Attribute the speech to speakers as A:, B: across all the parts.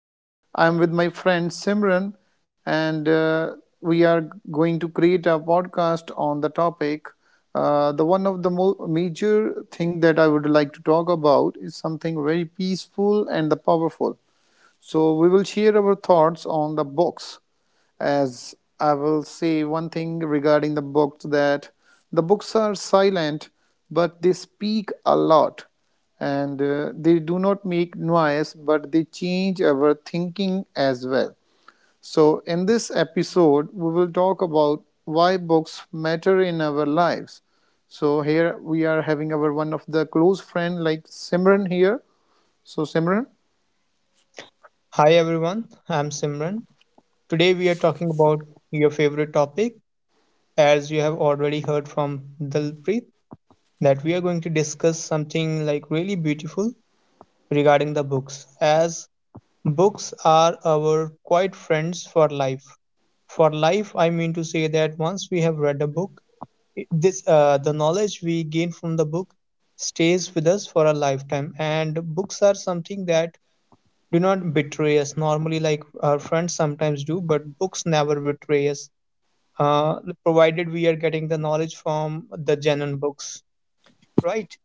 A: Today I am with my friend Simran and we are going to create a podcast on the topic. The one of the major thing that I would like to talk about is something very peaceful and the powerful. So we will share our thoughts on the books. As I will say one thing regarding the books that the books are silent, but they speak a lot, and they do not make noise, but they change our thinking as well. So, in this episode, we will talk about why books matter in our lives. So, here we are having our one of the close friend like Simran here. So, Simran.
B: Hi everyone, I'm Simran. Today we are talking about your favorite topic. As you have already heard from Dalpreet, that we are going to discuss something like really beautiful regarding the books. As books are our quiet friends for life. For life, I mean to say that once we have read a book, I- this the knowledge we gain from the book stays with us for a lifetime. And books are something that do not betray us normally like our friends sometimes do, but books never betray us, uh, provided we are getting the knowledge from the genuine books, right?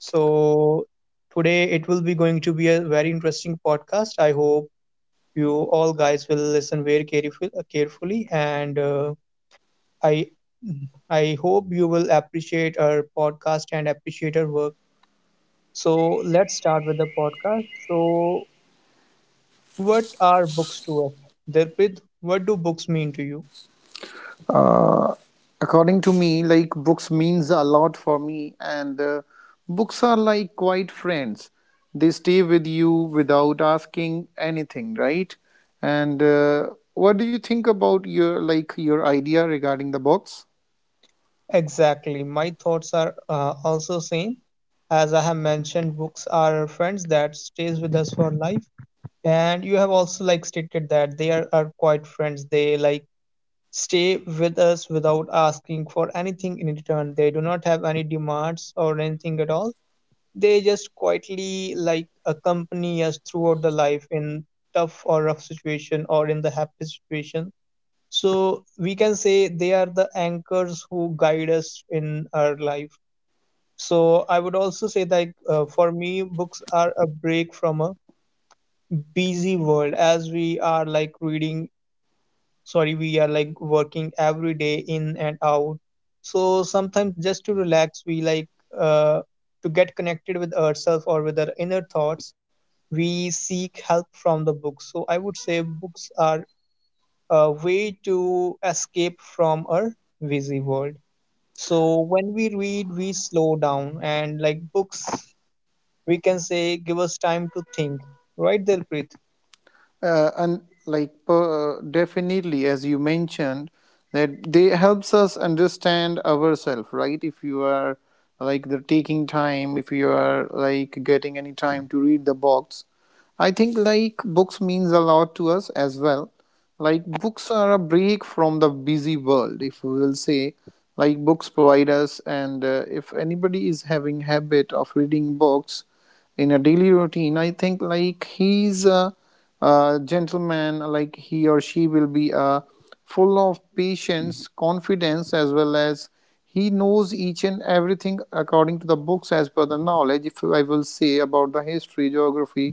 B: So today it will be going to be a very interesting podcast. I hope you all guys will listen very carefully, and uh, i i hope you will appreciate our podcast and appreciate our work. So let's start with the podcast. So what are books to us? Dilpit, what do books mean to you?
A: According to me, like books means a lot for me, and books are like quiet friends. They stay with you without asking anything, right? And what do you think about your idea regarding the books?
B: Exactly. My thoughts are also same. As I have mentioned, books are our friends that stays with us for life. And you have also like stated that they are quite friends. They like stay with us without asking for anything in return. They do not have any demands or anything at all. They just quietly like accompany us throughout the life in tough or rough situation or in the happy situation. So we can say they are the anchors who guide us in our life. So I would also say that, for me, books are a break from a busy world, as we are like reading, sorry, we are like working every day in and out. So sometimes just to relax, we like uh, to get connected with ourselves or with our inner thoughts, we seek help from the books. So I would say books are a way to escape from our busy world. So when we read, we slow down, and like books, we can say, give us time to think. Right, there, Dilpreet?
A: And definitely, as you mentioned that they helps us understand ourselves, right? If you are like the taking time, if you are like getting any time to read the books, I think like books means a lot to us as well. Like books are a break from the busy world, if we will say, like books provide us, and if anybody is having habit of reading books in a daily routine, I think like he's gentleman, like he or she will be full of patience, confidence, as well as he knows each and everything according to the books as per the knowledge. If I will say about the history, geography,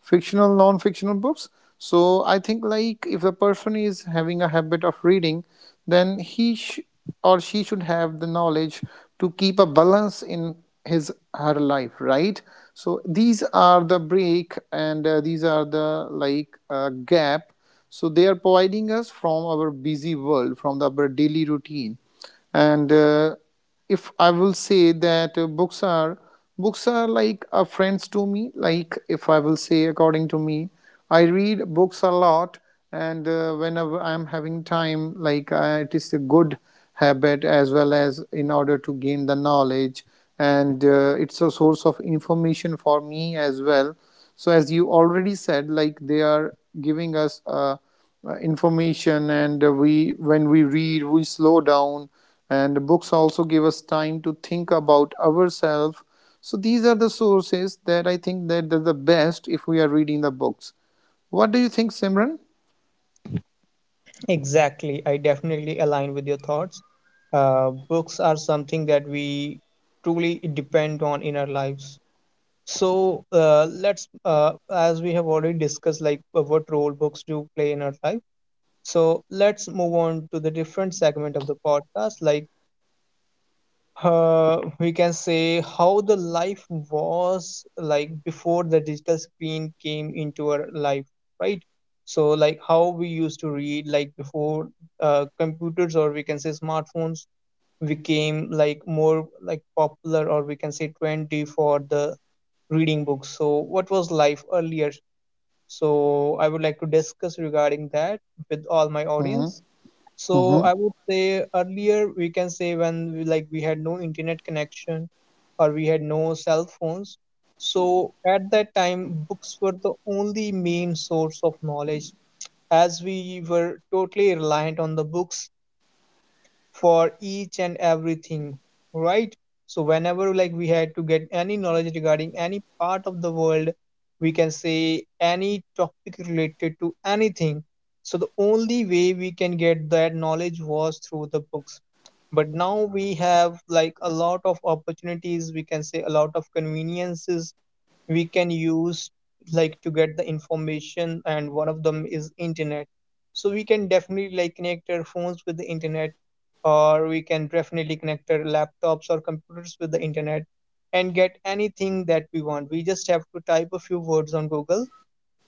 A: fictional, non-fictional books, so I think like if a person is having a habit of reading, then or she should have the knowledge to keep a balance in his her life, right? So these are the break, and these are the like gap so they are providing us from our busy world, from our daily routine, and if I will say that books are, books are like friends to me. Like if I will say, according to me, I read books a lot, and whenever I'm having time, like it is a good habit, as well as in order to gain the knowledge, and it's a source of information for me as well. So as you already said, like they are giving us information, and we when we read, we slow down, and books also give us time to think about ourselves. So these are the sources that I think that they're the best if we are reading the books. What do you think, Simran?
B: Exactly. I definitely align with your thoughts. Books are something that we truly depend on in our lives. So let's, as we have already discussed, like what role books do play in our life. So let's move on to the different segment of the podcast, like we can say, how the life was like before the digital screen came into our life, right? So like, how we used to read, like before computers, or we can say smartphones, became like more like popular, or we can say trendy, for the reading books. So what was life earlier? So I would like to discuss regarding that with all my
A: Mhm,
B: audience.
A: mhm,
B: So I would say earlier, we can say, when we, like we had no internet connection, or we had no cell phones. So at that time, books were the only main source of knowledge, as we were totally reliant on the books for each and everything, right? So whenever like we had to get any knowledge regarding any part of the world, we can say any topic related to anything, so the only way we can get that knowledge was through the books. But now we have like a lot of opportunities, we can say a lot of conveniences we can use, like to get the information, and one of them is internet. So we can definitely like connect our phones with the internet, or we can definitely connect our laptops or computers with the internet, and get anything that we want. We just have to type a few words on Google,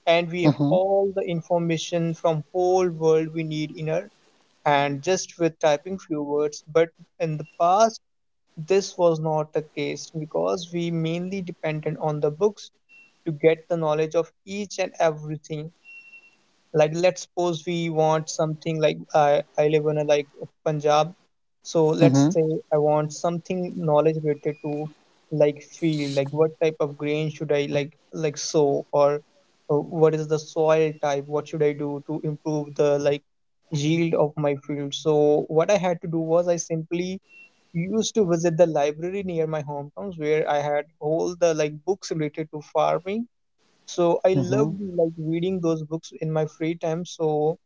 B: and we have
A: mhm,
B: all the information from whole world we need in our hand, just with typing few words. But in the past, this was not the case, because we mainly depended on the books to get the knowledge of each and everything. Like, let's suppose we want something like, I live in a, like Punjab, so let's
A: mhm,
B: say I want something, knowledge related to like field, like what type of grain should I like sow, or what is the soil type? What should I do to improve the like yield of my field? So what I had to do was, I simply used to visit the library near my hometowns, where I had all the like books related to farming. So I
A: mhm,
B: loved like reading those books in my free time. So,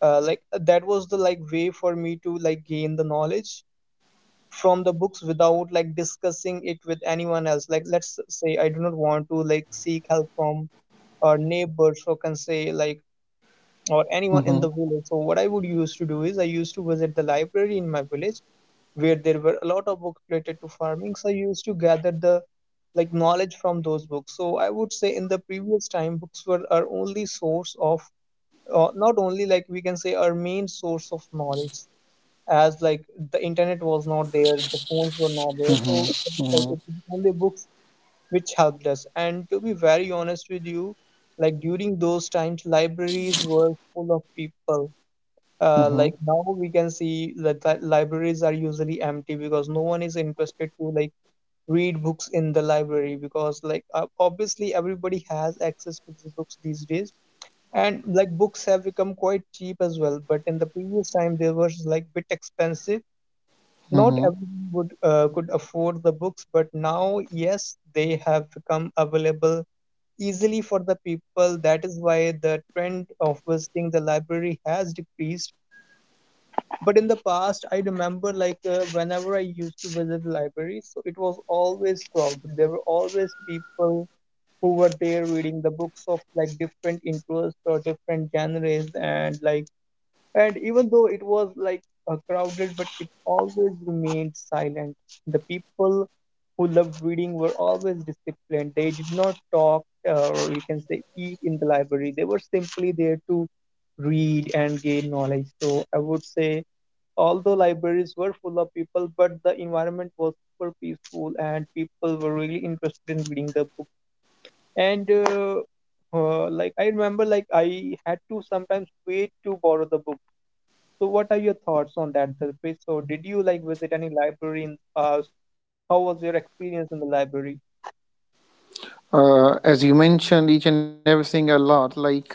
B: that was the like way for me to like gain the knowledge from the books, without like discussing it with anyone else. Like, let's say, I do not want to like seek help from our neighbors, or can say like, or anyone in
A: mhm,
B: the village. So what I would used to do is, I used to visit the library in my village, where there were a lot of books related to farming. So I used to gather the like knowledge from those books. So I would say, in the previous time, books were our only source of, not only, like we can say, our main source of knowledge, as like the internet was not there, the phones were not there, so
A: mhm,
B: like it
A: mhm,
B: was only books which helped us. And to be very honest with you, like during those times, libraries were full of people. Like
A: mhm,
B: now we can see that the libraries are usually empty, because no one is interested to like read books in the library, because like obviously everybody has access to the books these days, and like books have become quite cheap as well. But in the previous time they were like bit expensive. Not
A: mhm.
B: everyone would could afford the books, but now yes, they have become available easily for the people. That is why the trend of visiting the library has decreased. But in the past, I remember, like whenever I used to visit libraries, so it was always crowded. There were always people who were there reading the books of like different interests or different genres, and like, and even though it was like crowded, but it always remained silent. The people who loved reading were always disciplined. They did not talk or you can say eat in the library. They were simply there to read and gain knowledge. So I would say, although libraries were full of people, but the environment was super peaceful and people were really interested in reading the book. And like I remember, like I had to sometimes wait to borrow the book. So, what are your thoughts on that, Dilpreet? So, did you like visit any library in the past? How was your experience in the library?
A: As you mentioned each and everything a lot, like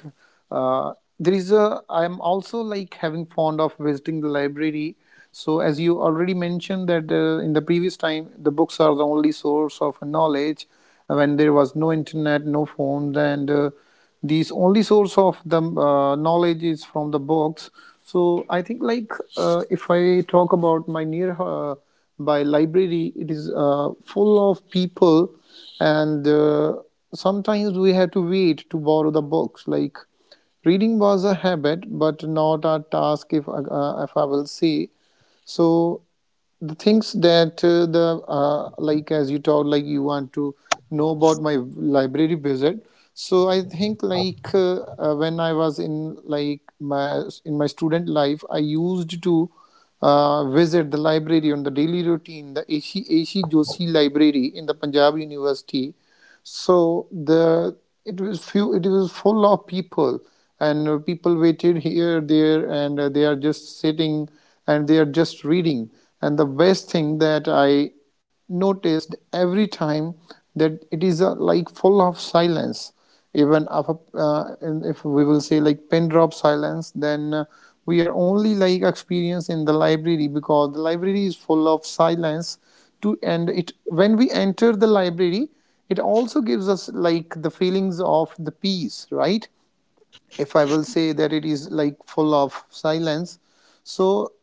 A: uh, there is a I am also like having fond of visiting the library. So as you already mentioned that in the previous time the books are the only source of knowledge when there was no internet, no phones, and these only source of the knowledge is from the books. So I think like if I talk about my near by library, it is full of people, and sometimes we have to wait to borrow the books, like reading was a habit, but not a task, if I will say. So, the things that the like as you told, like you want to know about my library visit. So I think like when I was in like my student life, I used to visit the library on the daily routine, the AC Joshi Library in the Punjab University. So the it was few. It was full of people, and people waited here, there, and they are just sitting, and they are just reading. And the best thing that I noticed every time, that it is like full of silence, even if, and if we will say like pin drop silence, then we are only like experienced in the library, because the library is full of silence to and it when we enter the library, it also gives us like the feelings of the peace, right? If I will say that it is like full of silence. So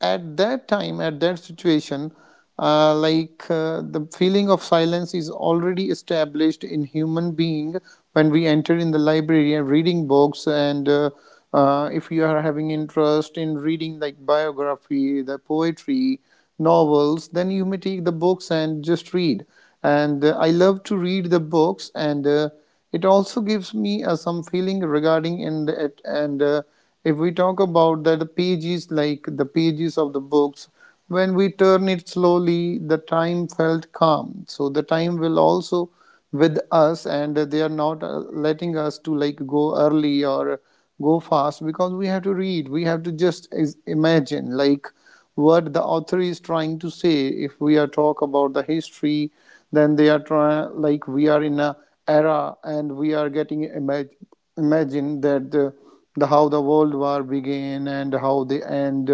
A: at that time, at that situation, like the feeling of silence is already established in human being when we enter in the library and reading books, and if you are having interest in reading, like biography, the poetry, novels, then you may take the books and just read. And I love to read the books, and it also gives me some feeling regarding in it, and if we talk about the, pages, like the pages of the books, when we turn it slowly, the time felt calm. So the time will also with us, and they are not letting us to like go early or go fast, because we have to read. We have to just imagine like what the author is trying to say. If we are talk about the history, then they are trying like we are in a era, and we are getting imagine that the, how the world war began and how they end.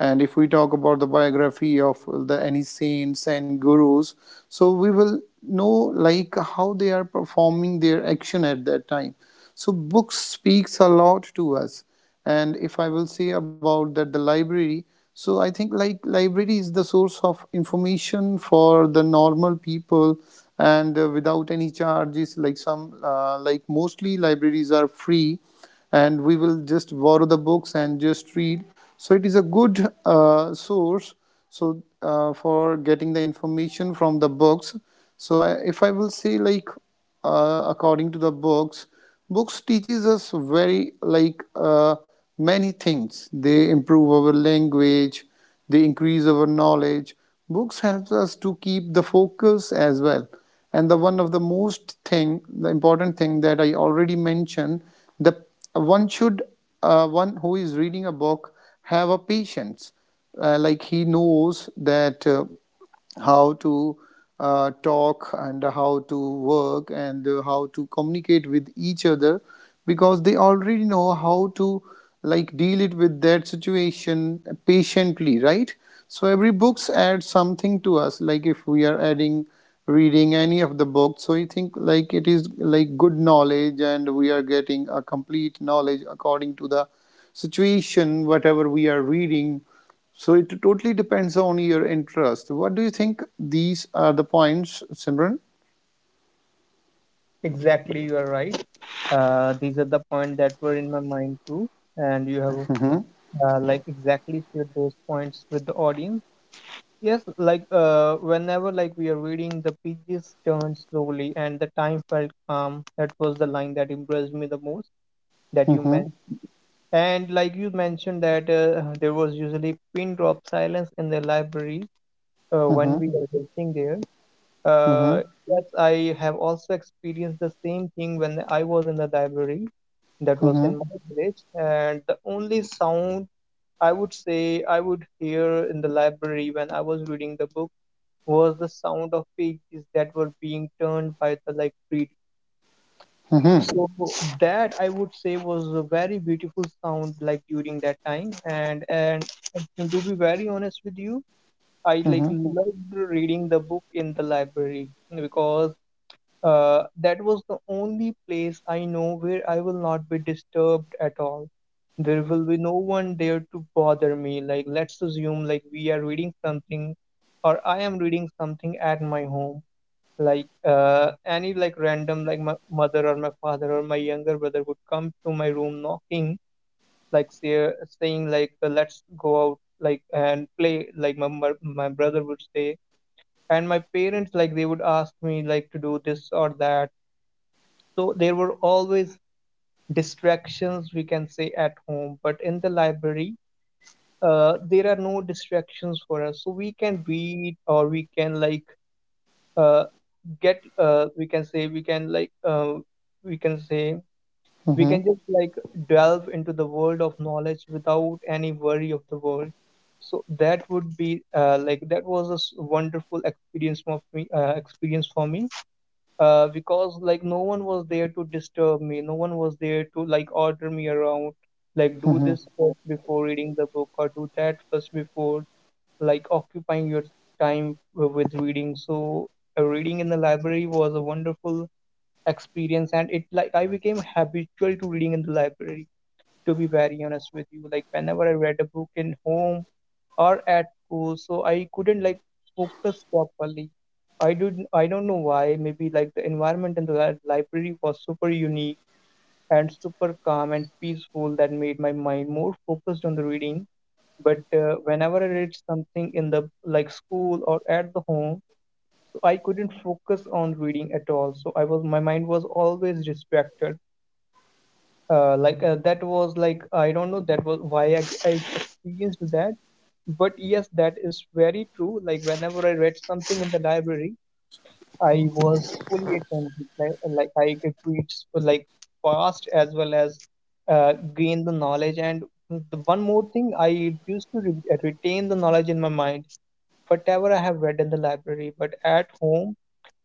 A: And if we talk about the biography of the any saints and gurus, so we will know like how they are performing their action at that time. So books speaks a lot to us. And if I will say about that the library, so I think like library is the source of information for the normal people, and without any charges, like some like mostly libraries are free, and we will just borrow the books and just read. So it is a good source. So for getting the information from the books, so if I will say like according to the books, books teaches us very like many things. They improve our language, they increase our knowledge, books helps us to keep the focus as well. And the one of the most thing, the important thing that I already mentioned, the one should, one who is reading a book, have a patience, like he knows that how to talk, and how to work, and how to communicate with each other, because they already know how to like deal it with that situation patiently, right? So every books adds something to us, like if we are adding reading any of the books, so I think like it is like good knowledge, and we are getting a complete knowledge according to the situation, whatever we are reading. So it totally depends on your interest. What do you think? These are the points, Simran.
B: Exactly, you are right. These are the points that were in my mind too, and you have
A: Mm-hmm.
B: like exactly shared those points with the audience. Yes, like whenever like we are reading, the pages turned slowly, and the time felt calm. That was the line that impressed me the most, that you
A: Mm-hmm.
B: meant. And like you mentioned that there was usually pin drop silence in the library when
A: Mm-hmm.
B: we were sitting there.
A: Mm-hmm.
B: Yes, I have also experienced the same thing when I was in the library. That was in
A: Mm-hmm.
B: my village, and the only sound I would say I would hear in the library when I was reading the book was the sound of pages that were being turned by the like read.
A: Mm-hmm.
B: So that I would say was a very beautiful sound like during that time. And to be very honest with you, I like loved reading the book in the library, because that was the only place I know where I will not be disturbed at all. There will be no one there to bother me. Like, let's assume like we are reading something, or I am reading something at my home, like any like random, like my mother or my father or my younger brother would come to my room knocking, like saying like let's go out like and play, like my brother would say, and my parents, like they would ask me like to do this or that. So there were always distractions, we can say, at home. But in the library there are no distractions for us, so we can read, or we can like uh, get we can say, we can like we can say, we
A: Mm-hmm.
B: can just like delve into the world of knowledge without any worry of the world. So that would be that was a wonderful experience of me, experience for me, because like no one was there to disturb me, no one was there to like order me around, like do
A: Mm-hmm.
B: this first before reading the book, or do that first before like occupying your time with reading. So reading in the library was a wonderful experience, and it like I became habitual to reading in the library. To be very honest with you, like whenever I read a book in home or at school, so I couldn't like focus properly. I didn't. I don't know why. Maybe like the environment in the library was super unique and super calm and peaceful that made my mind more focused on the reading, but whenever I read something in the like school or at the home, so I couldn't focus on reading at all. So I was my mind was always distracted. That was like, I don't know, that was why I experienced that. But yes, that is very true, like whenever I read something in the library, I was fully attentive, like I could like fast as well as gain the knowledge. And the one more thing, I used to retain the knowledge in my mind, whatever I have read in the library, but at home,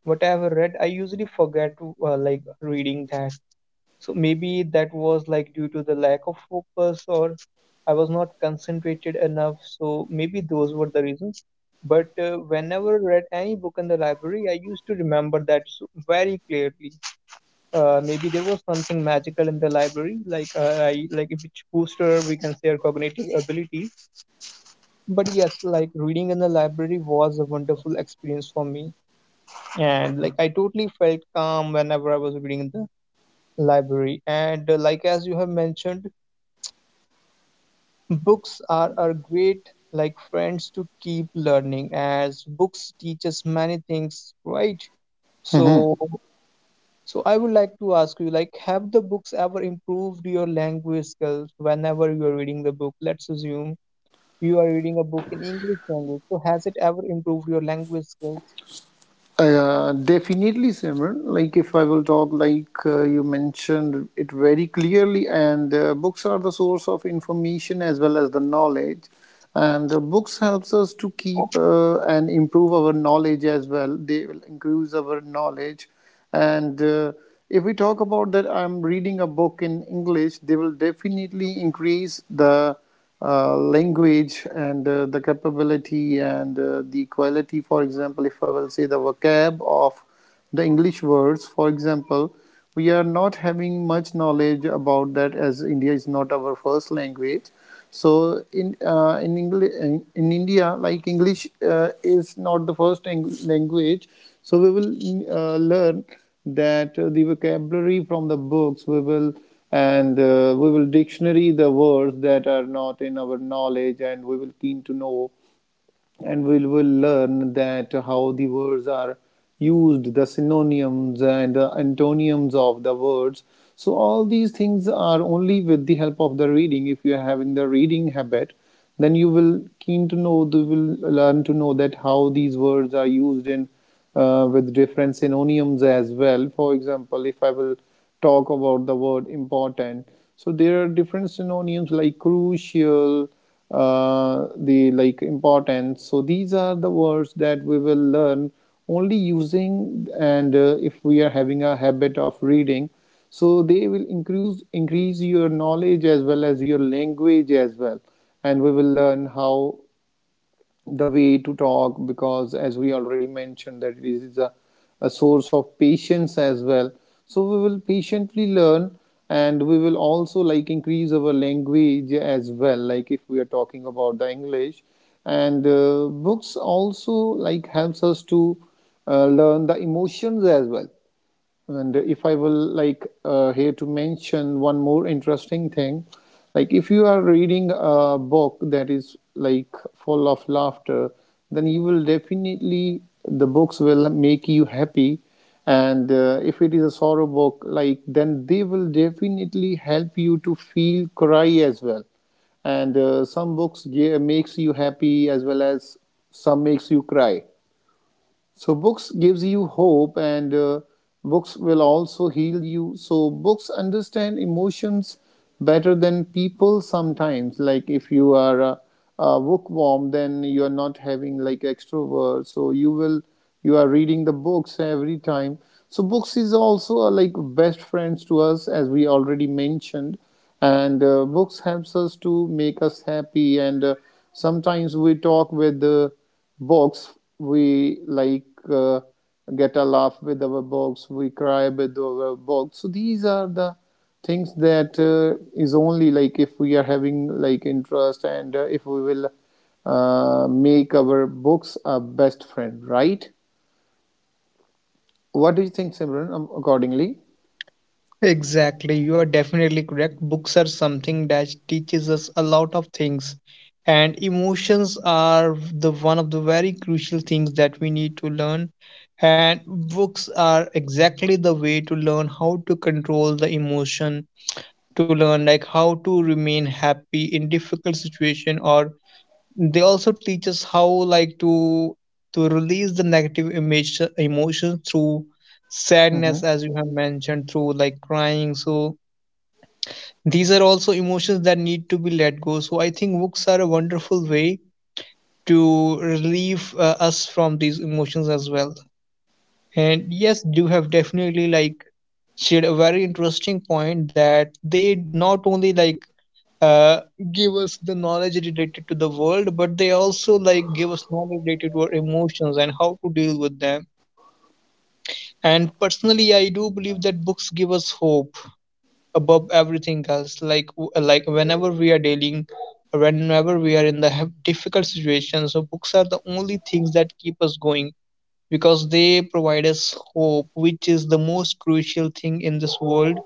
B: whatever read, I usually forget to like reading that. So maybe that was like due to the lack of focus, or I was not concentrated enough. So maybe those were the reasons. But whenever I read any book in the library, I used to remember that so very clearly. Maybe there was something magical in the library, like I like, which booster we can say our cognitive abilities. But yes, like reading in the library was a wonderful experience for me. And like I totally felt calm whenever I was reading in the library. And like as you have mentioned, books are great like friends to keep learning, as books teach us many things, right?
A: Mm-hmm.
B: So so I would like to ask you, like, have the books ever improved your language skills whenever you are reading the book? Let's assume you are reading a book in English language. So has it ever improved your language skills?
A: Definitely, Simran. Like if I will talk, like you mentioned it very clearly, and books are the source of information as well as the knowledge. And books helps us to keep and improve our knowledge as well. They will increase our knowledge. And if we talk about that, I'm reading a book in English, they will definitely increase the language, and the capability, and the quality. For example, if I will say the vocab of the English words, for example, we are not having much knowledge about that, as India is not our first language. So in english, in india, like english uh, is not the first language. So we will learn that, the vocabulary from the books we will, and we will dictionary the words that are not in our knowledge, and we will keen to know, and we will learn that how the words are used, the synonyms and the antonyms of the words. So all these things are only with the help of the reading. If you are having the reading habit, then you will keen to know, you will learn to know that how these words are used in with different synonyms as well. For example, if I will talk about the word important, so there are different synonyms like crucial, the like important. So these are the words that we will learn only using, and if we are having a habit of reading, so they will increase your knowledge as well as your language as well, and we will learn how the way to talk, because as we already mentioned that it is a source of patience as well. So we will patiently learn, and we will also like increase our language as well, like if we are talking about the english. And books also like helps us to learn the emotions as well. And if I will like here to mention one more interesting thing, like if you are reading a book that is like full of laughter, then you will definitely, the books will make you happy. And if it is a sorrow book, like then they will definitely help you to feel cry as well. And some books, yeah, makes you happy as well as some makes you cry. So books gives you hope, and books will also heal you, so books understand emotions better than people. Sometimes, like if you are a bookworm, then you are not having like extrovert, so you will you are reading the books every time. So books is also like best friends to us, as we already mentioned. And books helps us to make us happy, and sometimes we talk with the books, we like uh, get a laugh with our books, we cry with our books. So these are the things that is only like if we are having like interest. And if we will make our books our best friend, right? What do you think, Simran, accordingly?
B: Exactly, you are definitely correct. Books are something that teaches us a lot of things, and emotions are the one of the very crucial things that we need to learn. And books are exactly the way to learn how to control the emotion, to learn like how to remain happy in difficult situation, or they also teach us how like to release the negative image emotions through sadness,
A: Mm-hmm.
B: as you have mentioned, through like crying. So these are also emotions that need to be let go. So I think books are a wonderful way to relieve us from these emotions as well. And yes, you have definitely like shared a very interesting point that they not only like uh, give us the knowledge related to the world, but they also like give us knowledge related to our emotions and how to deal with them. And personally, I do believe that books give us hope above everything else, like like whenever we are dealing, whenever we are in the difficult situation, so books are the only things that keep us going, because they provide us hope, which is the most crucial thing in this world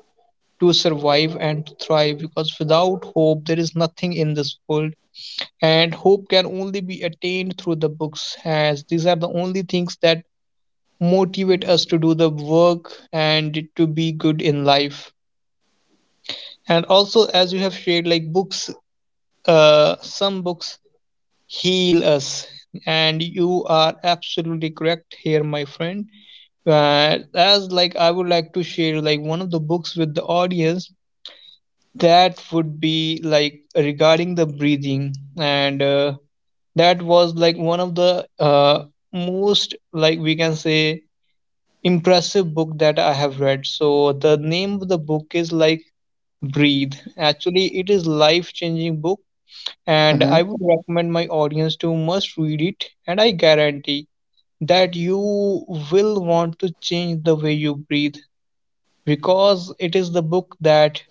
B: to survive and to thrive, because without hope there is nothing in this world. And hope can only be attained through the books, as these are the only things that motivate us to do the work and to be good in life. And also, as you have shared, like books, some books heal us. And you are absolutely correct here, my friend. As like, I would like to share like one of the books with the audience. That would be like regarding the breathing. And that was like one of the most like, we can say, impressive book that I have read. So the name of the book is like Breathe. Actually, it is life changing book, and I
A: Mm-hmm.
B: would recommend my audience to must read it. And I guarantee that you will want to change the way you breathe, because it is the book that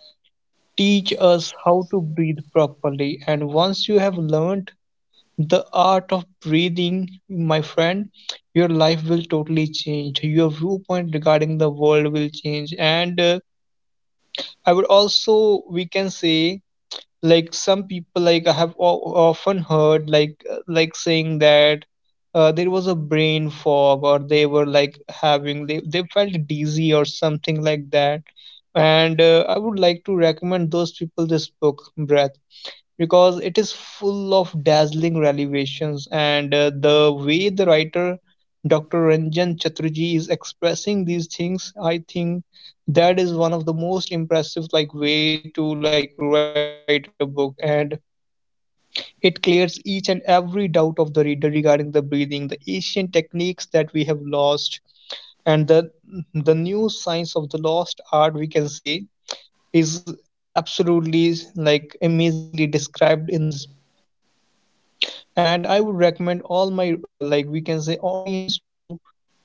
B: teach us how to breathe properly. And once you have learned the art of breathing, my friend, your life will totally change. Your viewpoint regarding the world will change. And I would also, we can say, like some people, like I have often heard like saying that there was a brain fog, or they were like having, they felt dizzy or something like that. And I would like to recommend those people this book Breath, because it is full of dazzling revelations. And the way the writer Dr. Ranjan Chatterjee is expressing these things, I think that is one of the most impressive like way to like write a book. And it clears each and every doubt of the reader regarding the breathing, the ancient techniques that we have lost, and the new science of the lost art, we can say, is absolutely like amazingly described in this book. And I would recommend all my like, we can say, audience to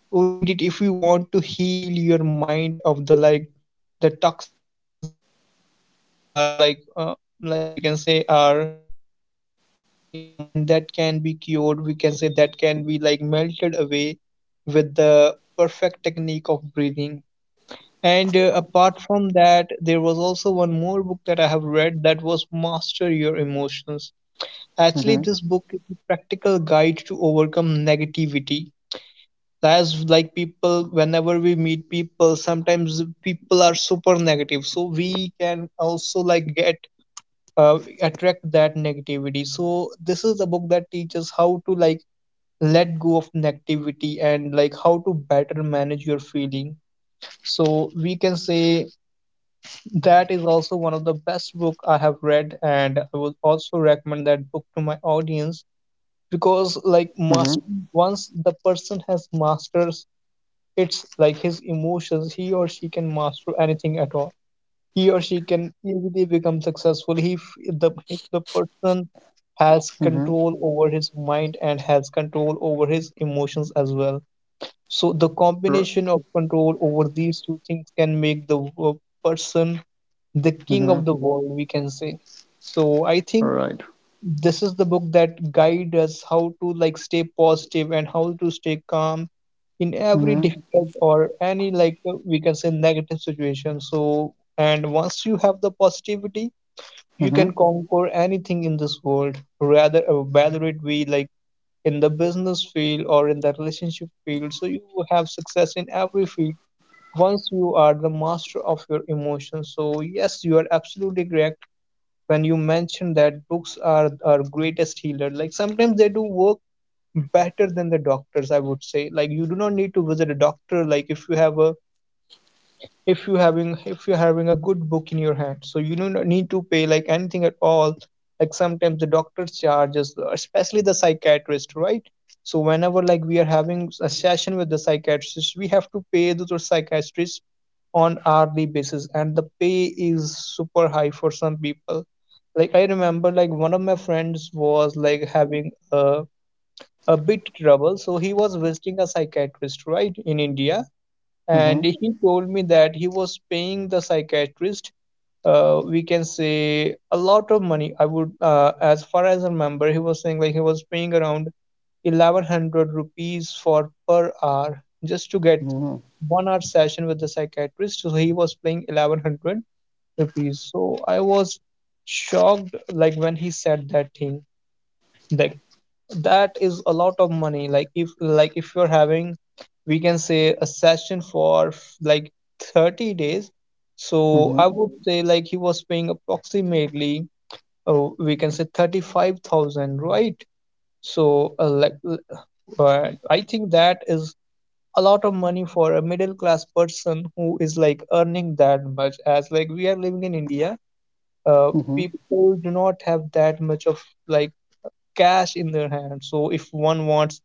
B: read it if you want to heal your mind of the like the toxic things that, we can say, are like like, we can say, are deposited in your mind, that can be cured, we can say, that can be like melted away with the perfect technique of breathing. And apart from that, there was also one more book that I have read, that was Master Your Emotions. Actually,
A: Mm-hmm.
B: this book is a practical guide to overcome negativity. As like people, whenever we meet people, sometimes people are super negative, so we can also like get attract that negativity. So this is a book that teaches how to like let go of negativity and like how to better manage your feeling. So we can say that is also one of the best book I have read, and I would also recommend that book to my audience. Because
A: Mm-hmm.
B: like master, once the person has masters it's like his emotions, he or she can master anything at all. He or she can easily become successful if the person has
A: Mm-hmm.
B: control over his mind and has control over his emotions as well. So the
A: R-
B: combination of control over these two things can make the person the king of the
A: mm-hmm.
B: world, we can say. So I think
A: All right.
B: this is the book that guide us how to like stay positive and how to stay calm in every
A: Mm-hmm.
B: difficult or any like we can say negative situation. So and once you have the positivity, you can
A: Mm-hmm.
B: conquer anything in this world, rather whether it be like in the business field or in the relationship field. So you will have success in every field once you are the master of your emotions. So yes, you are absolutely correct when you mentioned that books are our greatest healer, like sometimes they do work better than the doctors, I would say. Like you do not need to visit a doctor, like if you have a, if you're having a good book in your hand, so you do not need to pay like anything at all. Like sometimes the doctor's charges, especially the psychiatrist, right? So whenever like we are having a session with the psychiatrist, we have to pay those psychiatrists on hourly basis, and the pay is super high for some people. Like I remember, like one of my friends was like having a bit trouble, so he was visiting a psychiatrist, right, in India. And
A: Mm-hmm.
B: he told me that he was paying the psychiatrist we can say a lot of money. I would, as far as I remember, he was saying like he was paying around 1100 rupees for per hour just to get
A: Mm-hmm.
B: 1 hour session with the psychiatrist. So he was paying 1100 rupees. So I was shocked like when he said that thing, like that is a lot of money. Like if, like if you're having, we can say, a session for like 30 days, so I
A: Mm-hmm.
B: would say like he was paying approximately, oh we can say, 35,000, right? So I think that is a lot of money for a middle class person who is like earning that much. As like we are living in India,
A: Mm-hmm.
B: people do not have that much of like cash in their hand. So if one wants,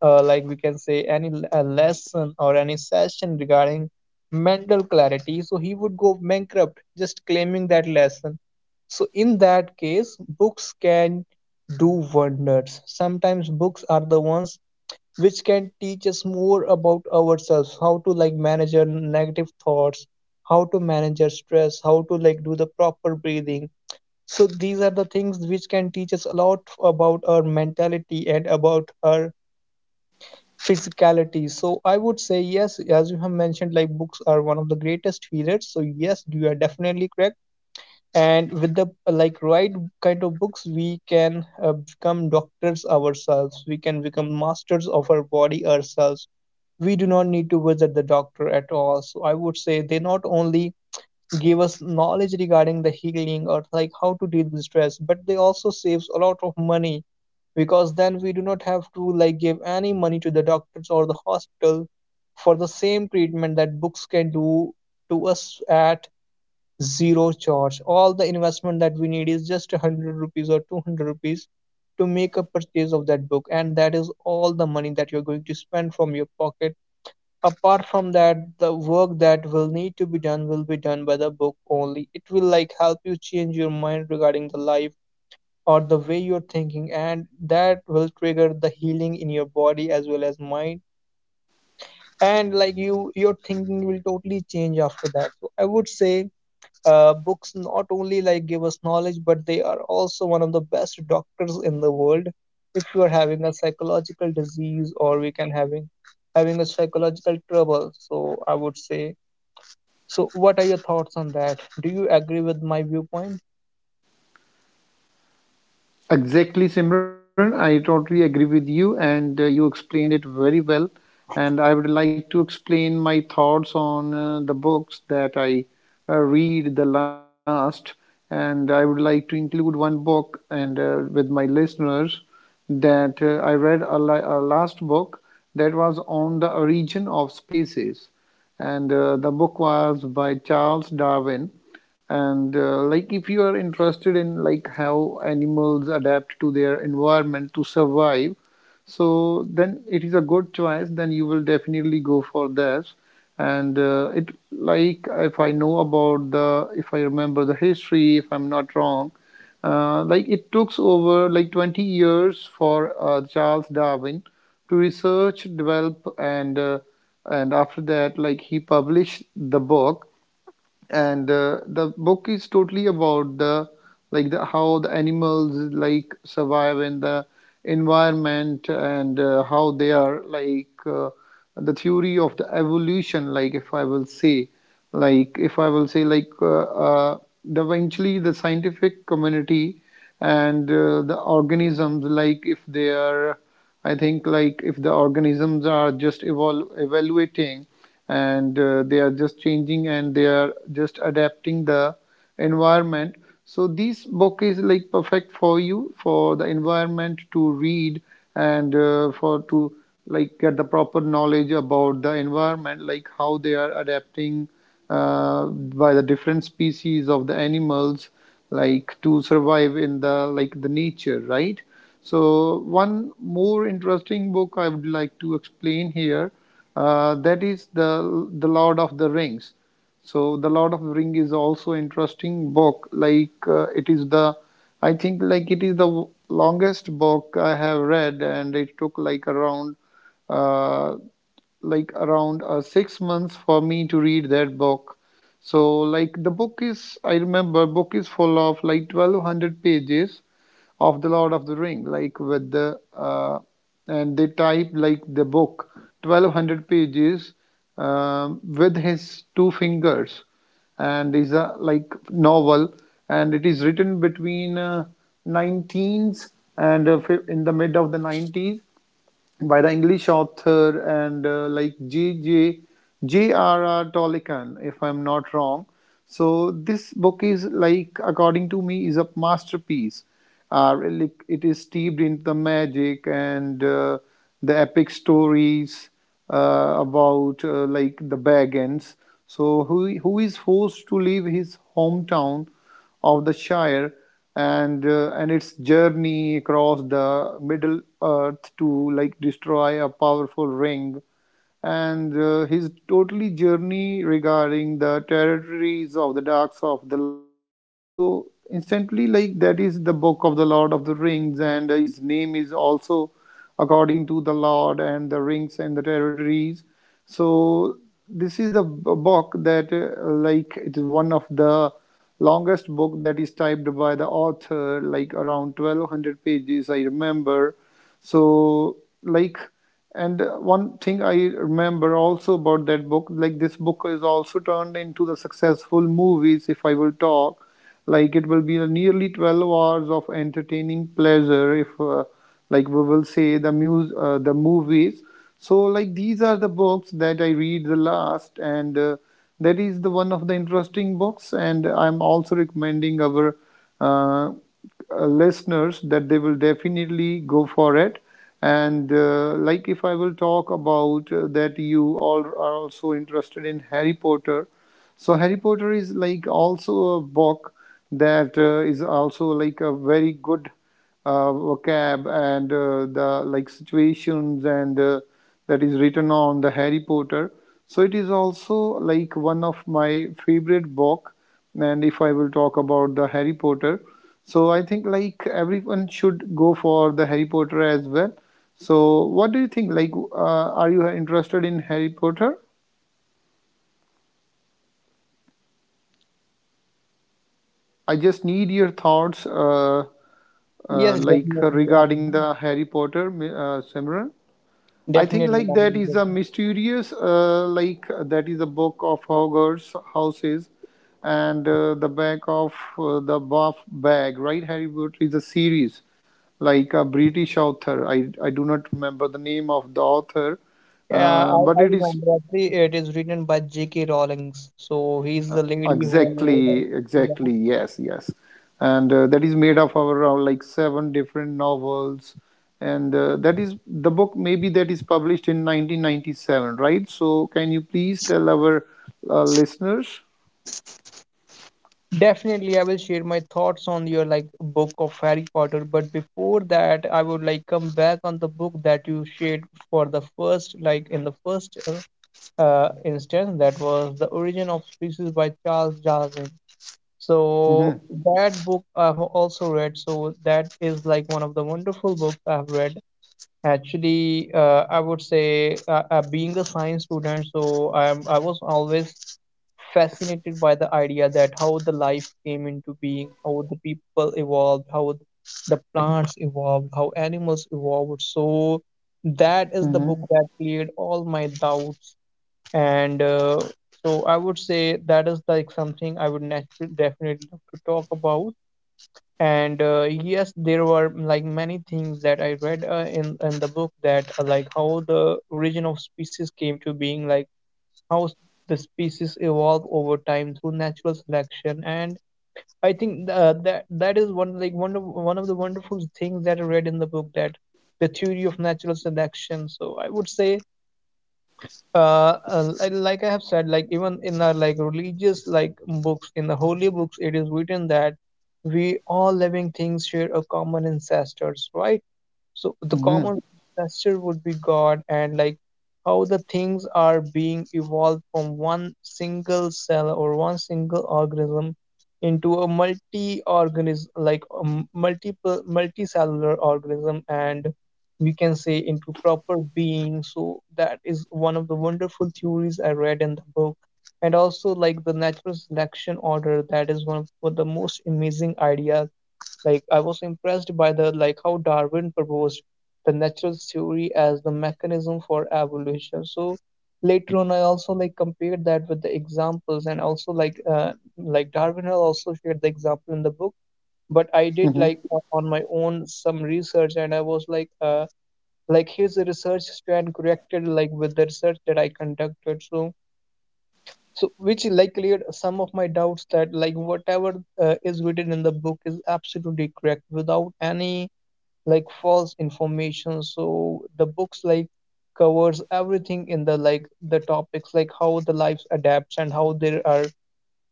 B: like, we can say, any a lesson or any session regarding mental clarity, so he would go bankrupt just claiming that lesson. So in that case, books can do wonders. Sometimes books are the ones which can teach us more about ourselves, how to like manage our negative thoughts, how to manage our stress, how to like do the proper breathing, so these are the things which can teach us a lot about our mentality and about our physicality. So I would say yes, as you have mentioned, like books are one of the greatest healers. So yes, you are definitely correct. And with the like right kind of books, we can become doctors ourselves. We can become masters of our body ourselves. We do not need to visit the doctor at all. So I would say they not only give us knowledge regarding the healing or like how to deal with stress, but they also saves a lot of money, because then we do not have to like give any money to the doctors or the hospital for the same treatment that books can do to us at zero charge. All the investment that we need is just 100 rupees or 200 rupees to make a purchase of that book, and that is all the money that you're going to spend from your pocket. Apart from that, the work that will need to be done will be done by the book only. It will like help you change your mind regarding the life or the way you're thinking, and that will trigger the healing in your body as well as mind, and like you, your thinking will totally change after that. So I would say books not only like give us knowledge, but they are also one of the best doctors in the world. If you are having a psychological disease, or we can having a psychological trouble, so I would say, so, what are your thoughts on that? Do you agree with my viewpoint?
A: Exactly, Simran. I totally agree with you, and you explained it very well. And I would like to explain my thoughts on the books that I read the last. And I would like to include one book, and with my listeners, that I read a last book that was on The Origin of Species. And the book was by Charles Darwin. And like if you are interested in like how animals adapt to their environment to survive, so then it is a good choice, then you will definitely go for this. And it, like if I know about the, if I remember the history, if I'm not wrong, like it took over like 20 years for Charles Darwin to research, develop, and after that, like he published the book. And the book is totally about the, like, the how the animals like survive in the environment, and how they are like the theory of the evolution. Like if I will say, like if I will say, like uh, the eventually the scientific community, and the organisms, like if they are, I think like if the organisms are just evaluating, and they are just changing and they are just adapting the environment. So this book is like perfect for you, for the environment, to read. And for to like get the proper knowledge about the environment, like how they are adapting by the different species of the animals, like to survive in the like the nature, right? So one more interesting book I would like to explain here, that is The Lord of the Rings. So The Lord of the Ring is also interesting book. Like it is the, I think like it is the longest book I have read, and it took like around uh, 6 months for me to read that book. So like the book is, I remember book is full of like 1200 pages of the Lord of the Ring, like with the and they type like the book 1200 pages with his two fingers, and is a like novel, and it is written between 19s and in the mid of the 90s by the English author, and uh, like G.J. J.R.R. Tolkien, if I'm not wrong. So this book is like, according to me, is a masterpiece. Really, it is steeped in the magic and the epic stories about like the Baggins. So who is forced to leave his hometown of the Shire, and its journey across the Middle Earth to like destroy a powerful ring, and his totally journey regarding the territories of the darks of the Lord. So instantly, like that is the book of the Lord of the Rings, and his name is also according to the Lord and the rings and the territories. So this is the book that like it is one of the longest book that is typed by the author, like around 1200 pages I remember. So like, and one thing I remember also about that book, like this book is also turned into the successful movies. If I will talk, like it will be a nearly 12 hours of entertaining pleasure if like we will say the muse the movies. So like these are the books that I read the last, and that is the one of the interesting books, and I'm also recommending our uh, listeners that they will definitely go for it. And like if I will talk about that you all are also interested in Harry Potter, so Harry Potter is like also a book that is also like a very good vocab, and the like situations, and that is written on the Harry Potter. So it is also like one of my favorite book. And if I will talk about the Harry Potter, so I think like everyone should go for the Harry Potter as well. So what do you think? Like, are you interested in Harry Potter? I just need your thoughts,
B: Yes,
A: like
B: definitely.
A: regarding the Harry Potter, Simran. I think
B: Definitely.
A: like
B: I
A: that
B: mean,
A: is a mysterious like that is a book of Hogwarts houses, and the back of the buff bag, right? Harry Potter is a series like a British author. I do not remember the name of the author,
B: Yeah, I,
A: but
B: I
A: it is,
B: remember actually it is written by J.K. Rowling's. So he's the lady who.
A: exactly,
B: Yeah.
A: exactly. Yes, yes. And that is made up of around like 7 different novels. And that is the book, maybe that is published in 1997, right? So, can you please tell our listeners?
B: Definitely, I will share my thoughts on your like book of Harry Potter. But before that, I would like come back on the book that you shared for the first, like in the first instance, that was The Origin of Species by Charles Darwin. So
A: Mm-hmm,
B: that book I've also read. So that is like one of the wonderful books I've read. Actually, I would say being a science student, so I was always fascinated by the idea that how the life came into being, how the people evolved, how the plants evolved, how animals evolved. So that is the
A: mm-hmm,
B: book that cleared all my doubts, and so I would say that is like something I would naturally definitely love to talk about. And yes, there were like many things that I read in the book that like how the origin of species came to being, like how s- the species evolve over time through natural selection. And I think that is one, like one of the wonderful things that I read in the book, that the theory of natural selection. So I would say like I have said, like even in our like religious like books, in the holy books, it is written that we all living things share a common ancestors, right? So the
A: mm-hmm,
B: common ancestor would be God, and like how the things are being evolved from one single cell or one single organism into a multi organism, like a multiple multicellular organism, and we can say into proper being. So that is one of the wonderful theories I read in the book, and also like the natural selection order, that is one of the most amazing ideas. Like I was impressed by the, like how Darwin proposed the natural theory as the mechanism for evolution. So later on, I also like compared that with the examples, and also like Darwin had also shared the example in the book. But I did
A: mm-hmm.
B: like on my own some research, and I was like his research strand corrected like with the research that I conducted. So so which like cleared some of my doubts that like whatever is written in the book is absolutely correct without any like false information. So the books like covers everything in the, like the topics like how the lives adapts and how there are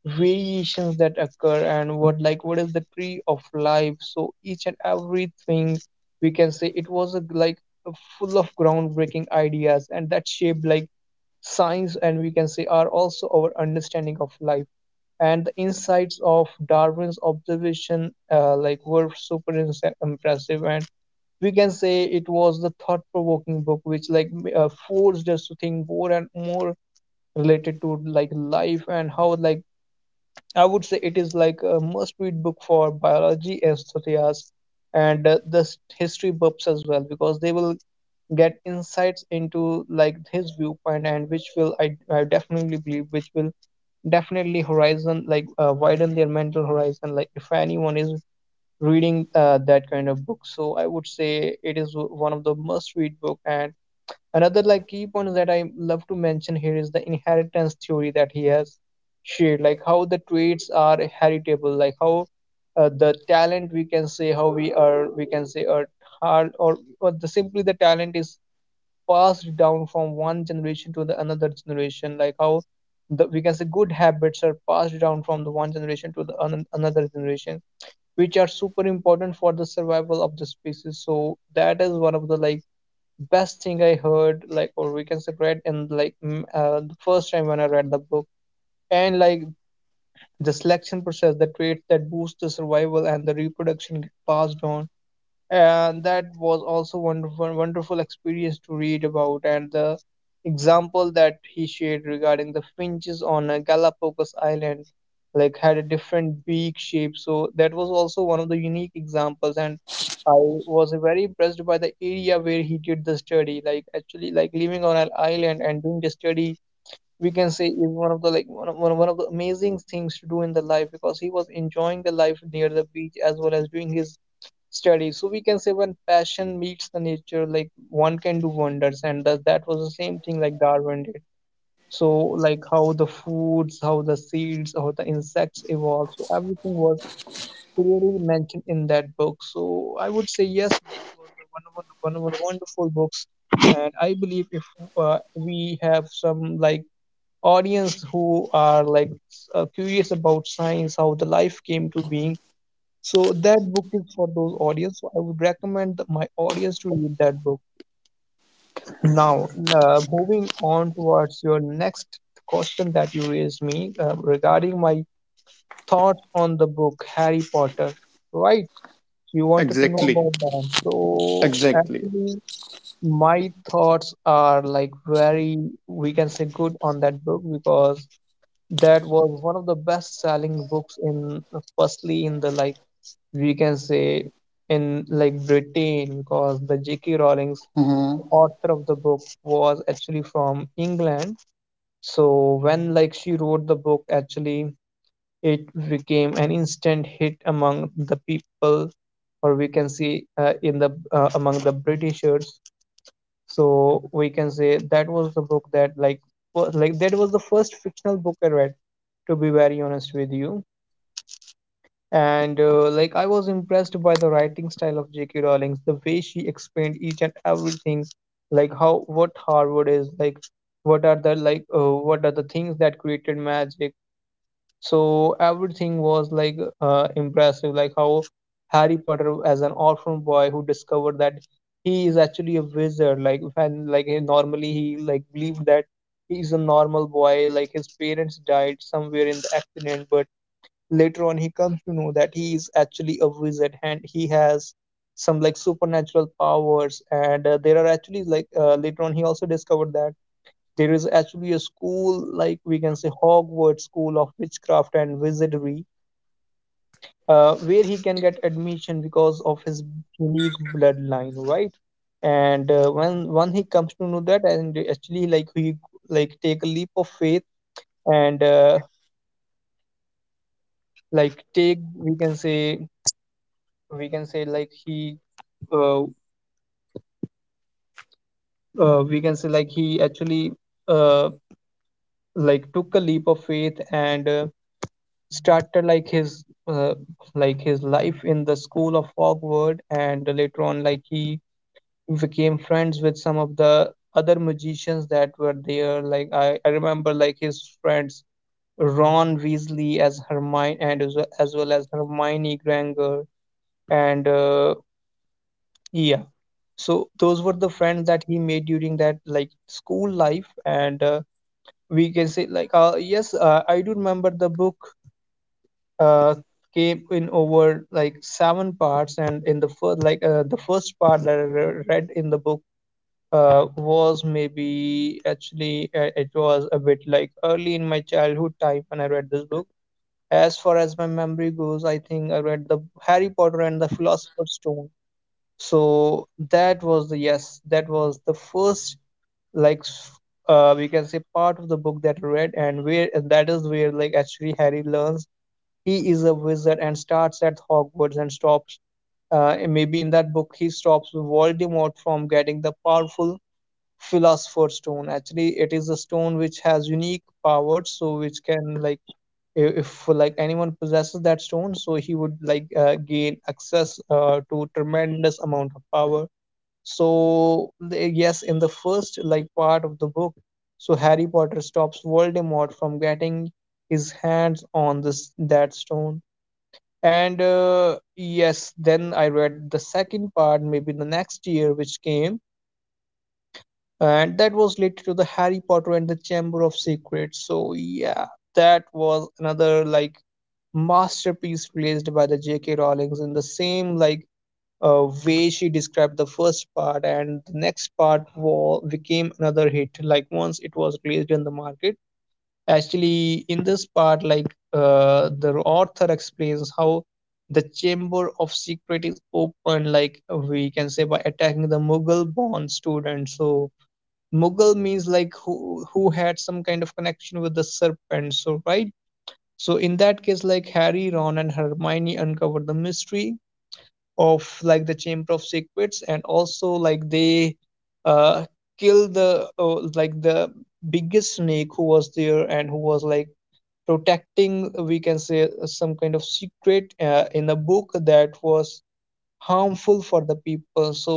B: variations that occur, and what, like what is the tree of life, so each and everything, we can say it was a, like a full of groundbreaking ideas, and that shaped like science, and we can say are also our understanding of life. And the insights of Darwin's observation like were super impressive, and we can say it was the thought-provoking book which like forced us to think more and more related to like life and how like, I would say it is like a must-read book for biology enthusiasts, and history buffs as well, because they will get insights into like his viewpoint, and which will I definitely believe, which will definitely horizon, like widen their mental horizon, like if anyone is reading that kind of book. So I would say it is one of the must-read book. And another like key point that I love to mention here is the inheritance theory that he has shared, like how the traits are heritable, like how the talent, we can say how we are, we can say are hard, or the simply the talent is passed down from one generation to the another generation, like how the, we can say good habits are passed down from the one generation to the another generation, which are super important for the survival of the species. So that is one of the like best thing I heard, like or we can say read in, the first time when I read the book. And like the selection process, the traits that boost the survival and the reproduction get passed on, and that was also wonderful experience to read about. And the example that he shared regarding the finches on Galapagos island, like had a different beak shape, so that was also one of the unique examples. And I was very impressed by the area where he did the study, like actually like living on an island and doing the study, we can say is one of the like one of the amazing things to do in the life, because he was enjoying the life near the beach as well as doing his study. So we can say when passion meets the nature, like one can do wonders, and that was the same thing like Darwin did. So like how the foods, how the seeds, how the insects evolved, so everything was clearly mentioned in that book. So I would say yes, it was a one of the wonderful books, and I believe if we have some like audience who are like curious about science, how the life came to being, so that book is for those audience. So I would recommend my audience to read that book. Now, moving on towards your next question that you raised me regarding my thoughts on the book Harry Potter. Right? You wanted to know
A: Exactly,
B: about that. So
A: exactly.
B: actually, my thoughts are like very, we can say, good on that book, because that was one of the best-selling books in, firstly, in the like, we can say, in like Britain, because the J.K. Rowling's author of the book was actually from England. So when like she wrote the book, actually it became an instant hit among the people, or we can see in the among the Britishers. So we can say that was the book that like was, like that was the first fictional book I read. To be very honest with you. And like I was impressed by the writing style of J.K. Rowling, the way she explained each and everything, like how what Harvard is, like what are the like what are the things that created magic. So everything was like impressive, like how Harry Potter as an orphan boy who discovered that he is actually a wizard. Like when like he, normally he like Believed that he is a normal boy, like his parents died somewhere in the accident, but later on he comes to know that he is actually a wizard and he has some like supernatural powers and there are actually later on he also discovered that there is actually a school, like we can say Hogwarts School of Witchcraft and Wizardry, where he can get admission because of his unique bloodline, right. And uh, when when he comes to know that, and actually like he like take a leap of faith and like take we can say like he uh, we can say like he actually uh, like took a leap of faith and started like his life in the school of Hogwarts. And later on like he became friends with some of the other magicians that were there. Like I remember like his friends Ron Weasley as Hermione and as well as Hermione Granger and yeah. So those were the friends that he made during that like school life, and we can say like yes, I do remember the book uh came in over like seven parts. And in the first the first part that I read in the book was maybe actually it was a bit like early in my childhood time when I read this book. As far as my memory goes, I think I read the Harry Potter and the Philosopher's Stone. So that was the, yes that was the first like s- we can say part of the book that I read, and where, and that is where like actually Harry learns he is a wizard and starts at Hogwarts and stops, and maybe in that book he stops Voldemort from getting the powerful philosopher's stone. Actually it is a stone which has unique powers, so which can like, if like anyone possesses that stone, so he would gain access to tremendous amount of power. So yes, in the first like part of the book, so Harry Potter stops Voldemort from getting his hands on this that stone. And yes, then I read the second part, maybe the next year which came, and that was related to the Harry Potter and the Chamber of Secrets. So yeah, that was another like masterpiece released by the J.K. Rowling in the same like way she described the first part, and the next part was became another hit like once it was released in the market. Actually in this part like, the author explains how the chamber of secret is opened, like we can say by attacking the mughal born student. So mughal means like who had some kind of connection with the serpent, so right. So in that case like Harry, Ron and Hermione uncover the mystery of like the chamber of secrets, and also like they uh kill the like the biggest snake who was there and who was like protecting, we can say, some kind of secret in a book that was harmful for the people. So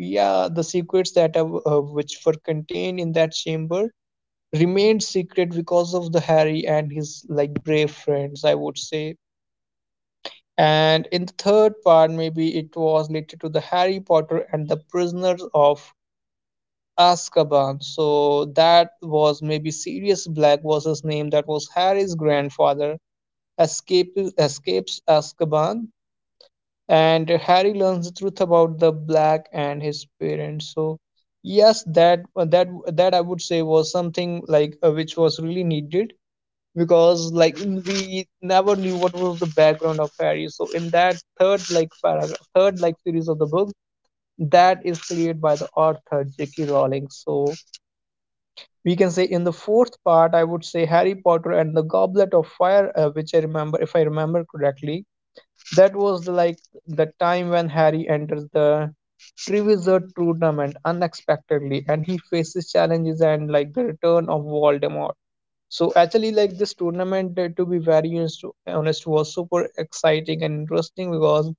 B: yeah, the secrets that are, which were contained in that chamber remained secret because of the Harry and his like brave friends, I would say. And in the third part, maybe it was related to the Harry Potter and the Prisoners of Azkaban. So that was maybe Sirius Black was his name. That was Harry's grandfather. Escapes Azkaban, and Harry learns the truth about the Black and his parents. So yes, that that I would say was something like which was really needed because like we never knew what was the background of Harry. So in that third like paragraph, third like series of the book, that is created by the author J.K. Rowling. So we can say in the fourth part, I would say Harry Potter and the Goblet of Fire, which I remember, if I remember correctly, that was the, like the time when Harry enters the Triwizard tournament unexpectedly, and he faces challenges and like the return of Voldemort. So actually, like this tournament, to be very honest, was super exciting and interesting because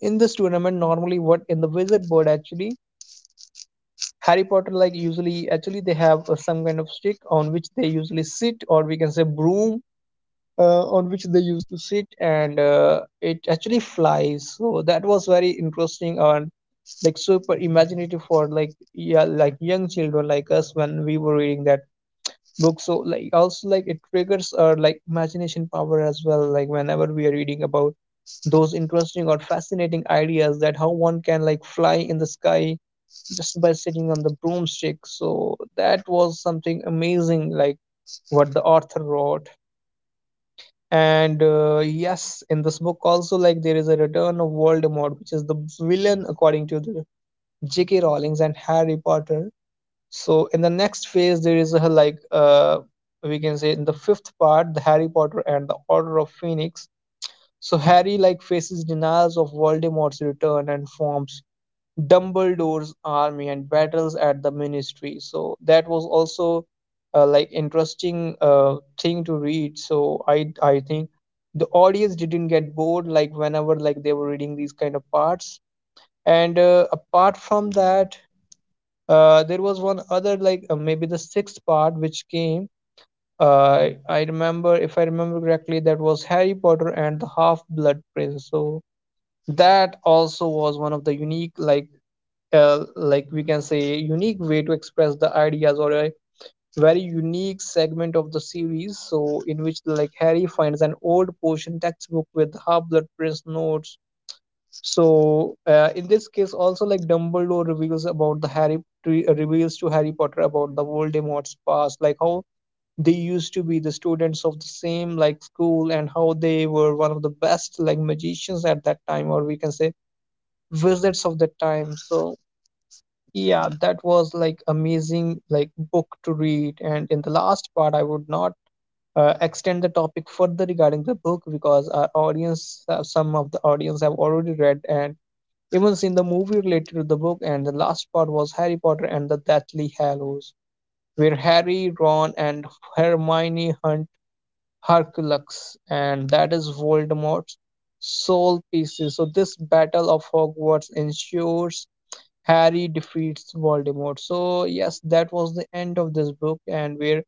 B: in this tournament, normally what in the Wizard Board actually, Harry Potter like usually actually they have some kind of stick on which they usually sit, or we can say broom on which they used to sit, and it actually flies. So that was very interesting and like super imaginative for like yeah like young children like us when we were reading that book. So like also like it triggers our like imagination power as well, like whenever we are reading about those interesting or fascinating ideas that how one can like fly in the sky just by sitting on the broomstick. So that was something amazing like what the author wrote. And yes, in this book also like there is a return of Voldemort, which is the villain according to the J.K. Rowling's and Harry Potter. So in the next phase, there is a we can say in the fifth part, the Harry Potter and the Order of Phoenix. So Harry like faces denials of Voldemort's return and forms Dumbledore's army and battles at the Ministry. So that was also like interesting thing to read. So I think the audience didn't get bored like whenever like they were reading these kind of parts. And apart from that, there was one other, maybe the sixth part, which came. I remember, if I remember correctly, that was Harry Potter and the Half-Blood Prince. So that also was one of the unique, like we can say, unique way to express the ideas, or a very unique segment of the series. So in which like Harry finds an old potion textbook with Half-Blood Prince notes. So in this case, also like Dumbledore reveals about the Harry to, reveals to Harry Potter about the Voldemort's past, like how they used to be the students of the same like school, and how they were one of the best like magicians at that time, or we can say wizards of that time. So yeah, that was like amazing like book to read. And in the last part, I would not extend the topic further regarding the book because our audience, some of the audience have already read, and even in the movie related to the book, and the last part was Harry Potter and the Deathly Hallows, where Harry, Ron, and Hermione hunt Hercules, and that is Voldemort's soul pieces. So this battle of Hogwarts ensures Harry defeats Voldemort. So yes, that was the end of this book, and where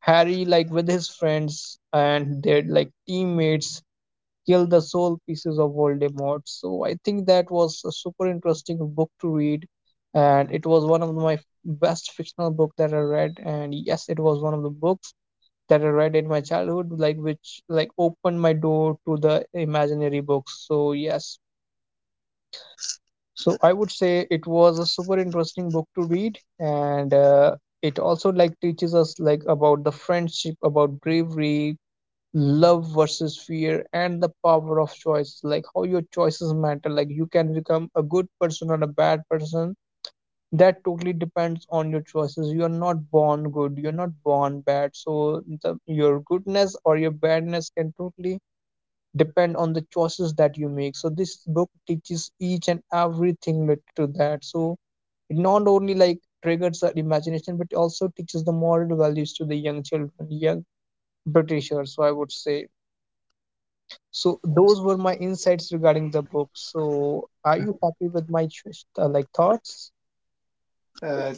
B: Harry, like with his friends and their like teammates, kill the soul pieces of Voldemort. So I think that was a super interesting book to read, and it was one of my best fictional book that I read. And yes, it was one of the books that I read in my childhood, like which like opened my door to the imaginary books. So yes, so I would say it was a super interesting book to read, and it also like teaches us like about the friendship, about bravery, love versus fear and the power of choices, like how your choices matter, like you can become a good person or a bad person. That totally depends on your choices. You are not born good, you're not born bad. So the, your goodness or your badness can totally depend on the choices that you make. So this book teaches each and everything related to that. So it not only like triggers our imagination but also teaches the moral values to the young children, young Britishers, so I would say. So those were my insights regarding the book. So are you happy with my like thoughts?
A: Uh,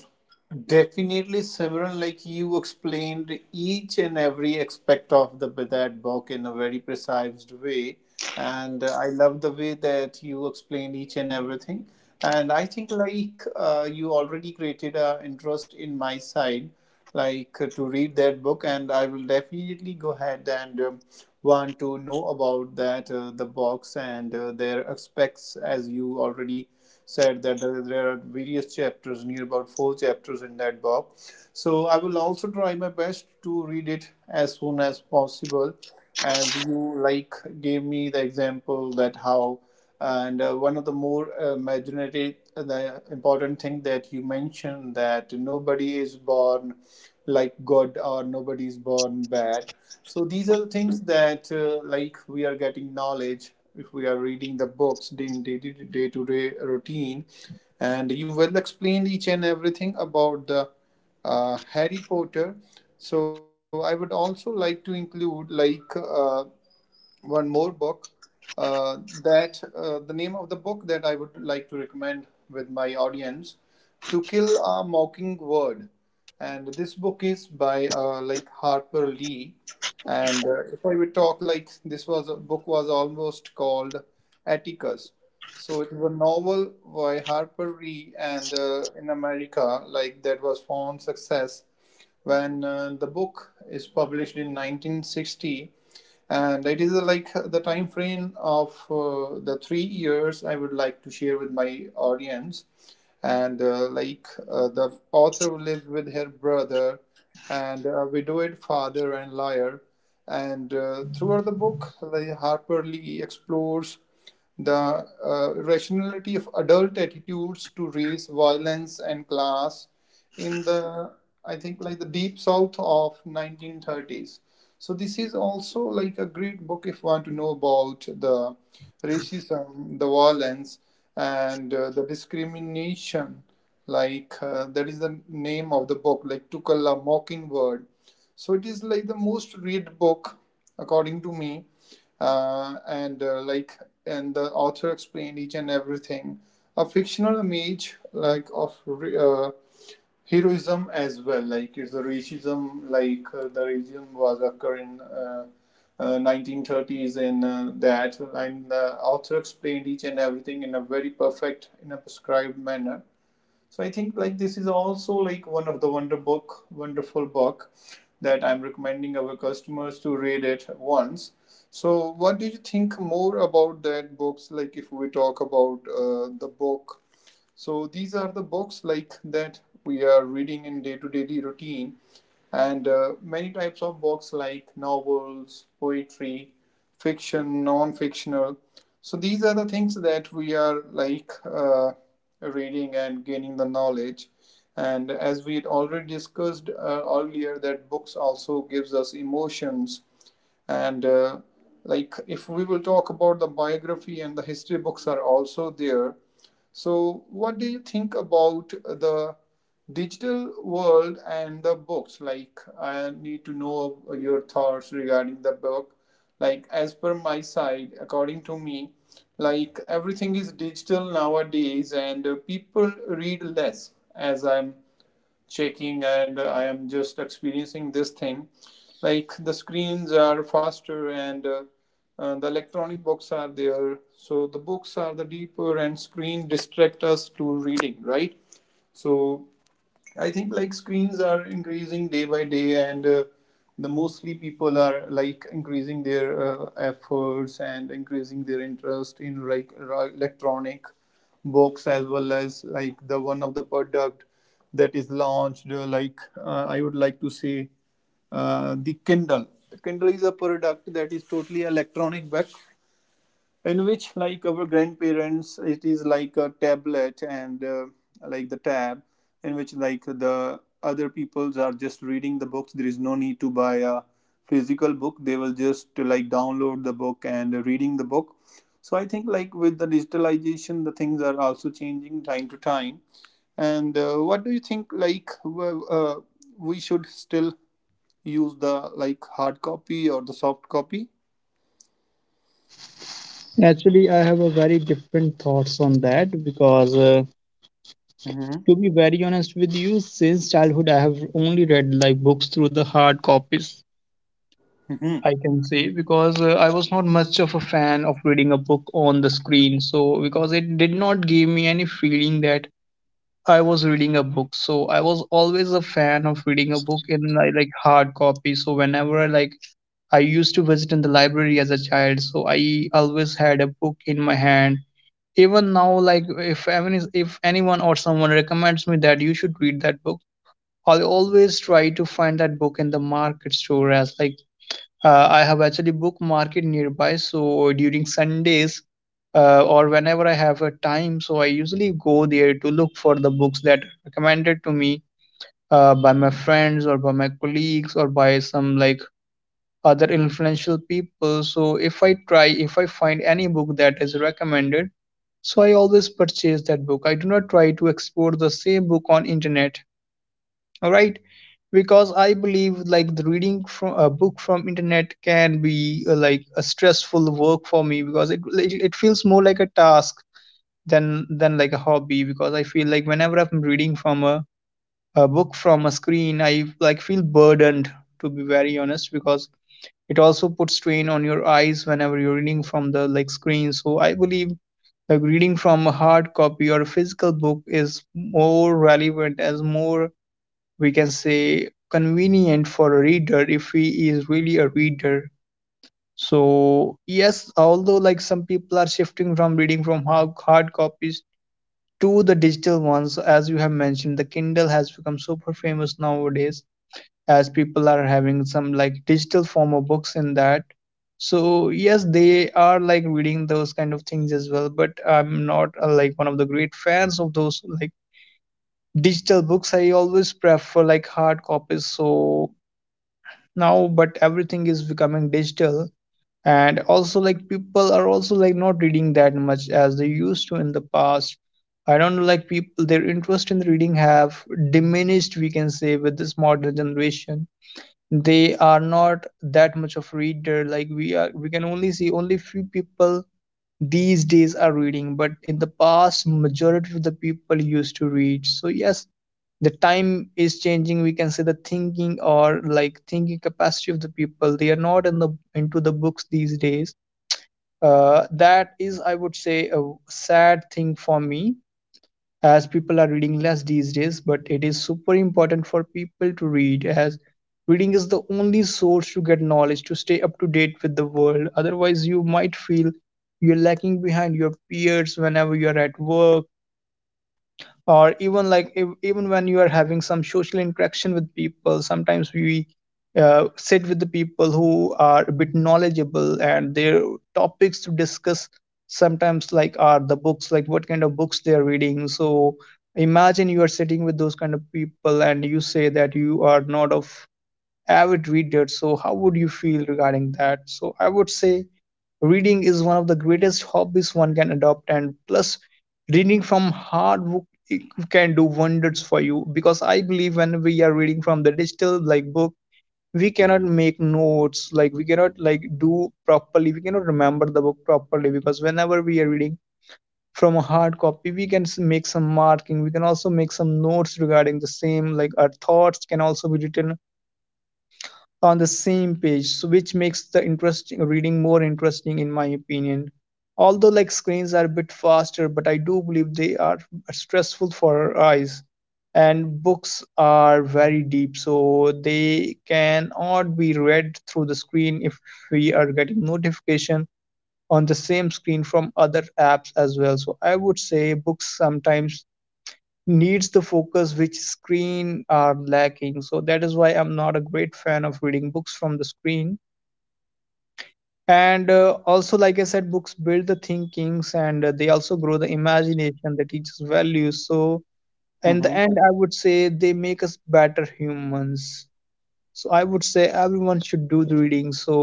A: Definitely, Simran, like you explained each and every aspect of the Bidad book in a very precise way. And I love the way that you explained each and everything. And I think, like, you already created an interest in my side, like, to read that book. And I will definitely go ahead and want to know about the box and their aspects, as you already said that there are various chapters, near about four chapters in that book. So I will also try my best to read it as soon as possible. As you like gave me the example that how, and one of the more imaginative, the important thing that you mentioned, that nobody is born like good or nobody is born bad. So these are the things that like we are getting knowledge if we are reading the books day day day to day routine. And you well explained each and everything about the Harry Potter. So I would also like to include like one more book, uh, that the name of the book that I would to recommend with my audience, To Kill a Mockingbird. And this book is by like Harper Lee. And if I would talk, like this was a book, was almost called Atticus. So it was a novel by Harper Lee, and in America, like that was found success when the book is published in 1960. And it is like the time frame of the 3 years, I would like to share with my audience. And the author lives with her brother and a widowed father and liar. And throughout the book, like Harper Lee explores the rationality of adult attitudes to race, violence and class in the, I think like the deep south of 1930s. So this is also like a great book if you want to know about the racism, the violence, and the discrimination. Like that is the name of the book, like To Kill a Mockingbird. So it is like the most read book, according to me. And Like and the author explained each and everything. A fictional image like of heroism as well, like it's the racism, like the racism was occurring 1930s. And that, and the author explained each and everything in a very perfect, in a prescribed manner. So I think like this is also like one of the wonderful book that I'm recommending our customers to read it once. So what do you think more about that books? Like if we talk about the book, so these are the books like that we are reading in day-to-day routine, and many types of books like novels, poetry, fiction, non-fictional. So these are the things that we are like reading and gaining the knowledge. And as we had already discussed earlier, that books also gives us emotions and like if we will talk about the biography and the history books are also there. So, what do you think about the digital world and the books? Like, I need to know your thoughts regarding the book. Like, as per my side, according to me, like everything is digital nowadays, and people read less. As I'm shaking and I am just experiencing this thing, like the screens are faster and the electronic books are there, so the books are the deeper and screen distract us to reading, right? So I think like screens are increasing day by day, and the mostly people are like increasing their efforts and increasing their interest in like electronic books as well as like the one of the product that is launched. Like I would like to say, the Kindle. The Kindle is a product that is totally electronic book in which like our grandparents, it is like a tablet and like the tab in which like the other peoples are just reading the books. There is no need to buy a physical book. They will just like download the book and reading the book. So I think like with the digitalization, the things are also changing time to time. And what do you think, like we should still use the like hard copy or the soft copy?
B: Actually, I have a very different thoughts on that because,
A: Mm-hmm.
B: to be very honest with you, since childhood I have only read like books through the hard copies. I can say because I was not much of a fan of reading a book on the screen. So because it did not give me any feeling that I was reading a book, so I was always a fan of reading a book in like hard copy. So whenever I like I used to visit in the library as a child, so I always had a book in my hand. Even now, like if anyone or someone recommends me that you should read that book, I'll always try to find that book in the market store as like, I have actually book market nearby, so during Sundays or whenever I have a time, so I usually go there to look for the books that are recommended to me by my friends or by my colleagues or by some like other influential people. So if I try, if I find any book that is recommended, so I always purchase that book. I do not try to explore the same book on internet. All right. Because I believe like the reading from a book from internet can be like a stressful work for me because it feels more like a task than like a hobby, because I feel like whenever I'm reading from a book from a screen, I like feel burdened, to be very honest, because it also puts strain on your eyes whenever you're reading from the like screen. So I believe like reading from a hard copy or a physical book is more relevant, as more we can say convenient, for a reader if he is really a reader. So yes, although like some people are shifting from reading from hard copies to the digital ones, as you have mentioned, the Kindle has become super famous nowadays, as people are having some like digital form of books in that. So yes, they are like reading those kind of things as well, but I'm not like one of the great fans of those like digital books. I always prefer like hard copies. So now, but everything is becoming digital, and also like people are also like not reading that much as they used to in the past. I don't know, like people, their interest in reading have diminished, we can say, with this modern generation. They are not that much of reader like we are. We can only see only few people these days are reading, but in the past majority of the people used to read. So yes, the time is changing, we can say, the thinking or like thinking capacity of the people, they are not in the into the books these days. That is, I would say, a sad thing for me, as people are reading less these days. But it is super important for people to read, as reading is the only source to get knowledge, to stay up to date with the world. Otherwise you might feel you're lacking behind your peers whenever you're at work, or even like even when you are having some social interaction with people. Sometimes we sit with the people who are a bit knowledgeable, and their topics to discuss sometimes like are the books, like what kind of books they are reading. So imagine you are sitting with those kind of people and you say that you are not of avid reader. So how would you feel regarding that? So I would say reading is one of the greatest hobbies one can adopt, and plus, reading from hard book, it can do wonders for you, because I believe when we are reading from the digital like book, we cannot make notes, like we cannot like do properly, we cannot remember the book properly. Because whenever we are reading from a hard copy, we can make some marking, we can also make some notes regarding the same, like our thoughts can also be written on the same page, so which makes the interesting reading more interesting, in my opinion. Although like screens are a bit faster, but I do believe they are stressful for our eyes. And books are very deep, so they cannot be read through the screen if we are getting notification on the same screen from other apps as well. So I would say books sometimes needs the focus which screen are lacking, so that is why I'm not a great fan of reading books from the screen. And also like I said, books build the thinkings, and they also grow the imagination, they teach us values. So in the
A: Mm-hmm.
B: end I would say they make us better humans. So I would say everyone should do the reading. So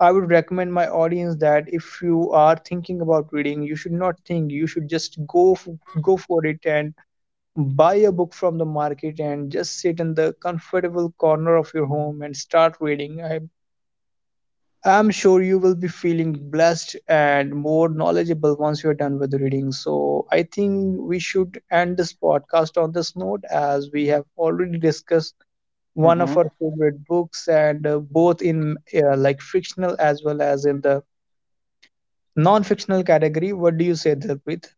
B: I would recommend my audience that if you are thinking about reading, you should not think, you should just go for it, and buy a book from the market and just sit in the comfortable corner of your home and start reading. I am sure you will be feeling blessed and more knowledgeable once you're done with the reading. So I think we should end this podcast on this note, as we have already discussed one of
A: Mm-hmm.
B: our favorite books, and both in like fictional as well as in the non fictional category. What do you say, Dilpreet?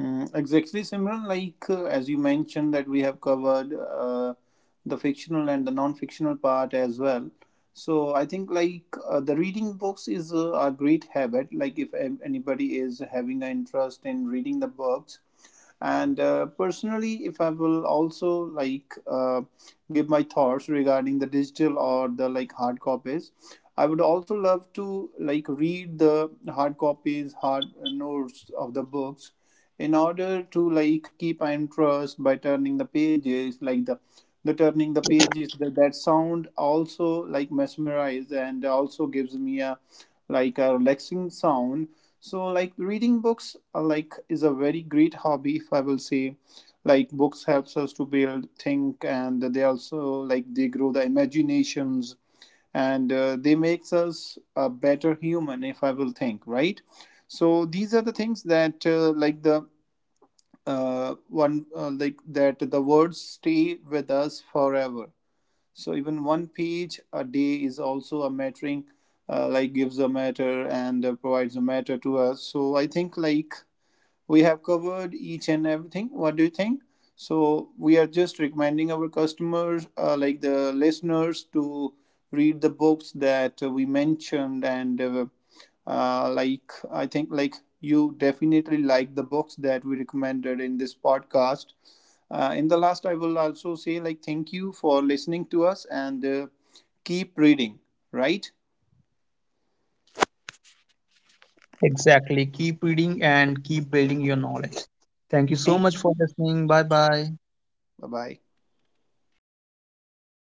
A: Mm, exactly, Simran. Like as you mentioned, that we have covered the fictional and the non-fictional part as well. So I think like the reading books is a great habit. Like if anybody is having an interest in reading the books, and personally, if I will also like give my thoughts regarding the digital or the like hard copies, I would also love to like read the hard copies, hard notes of the books, in order to like keep my interest by turning the pages, like the turning the pages, that sound also like mesmerized and also gives me a like a relaxing sound. So like reading books like is a very great hobby, if I will say, like books helps us to build think, and they also like they grow the imaginations, and they makes us a better human, if I will think, right? So these are the things that like the one like, that the words stay with us forever. So even one page a day is also a mattering, like gives a matter and provides a matter to us. So I think like we have covered each and everything. What do you think? So we are just recommending our customers, like the listeners, to read the books that we mentioned, and like I think like you definitely like the books that we recommended in this podcast. In the last, I will also say like thank you for listening to us, and keep reading, right?
B: Exactly. Keep reading and keep building your knowledge. Thank you so much
A: Thank you.
B: for listening. Bye bye.
A: Bye bye.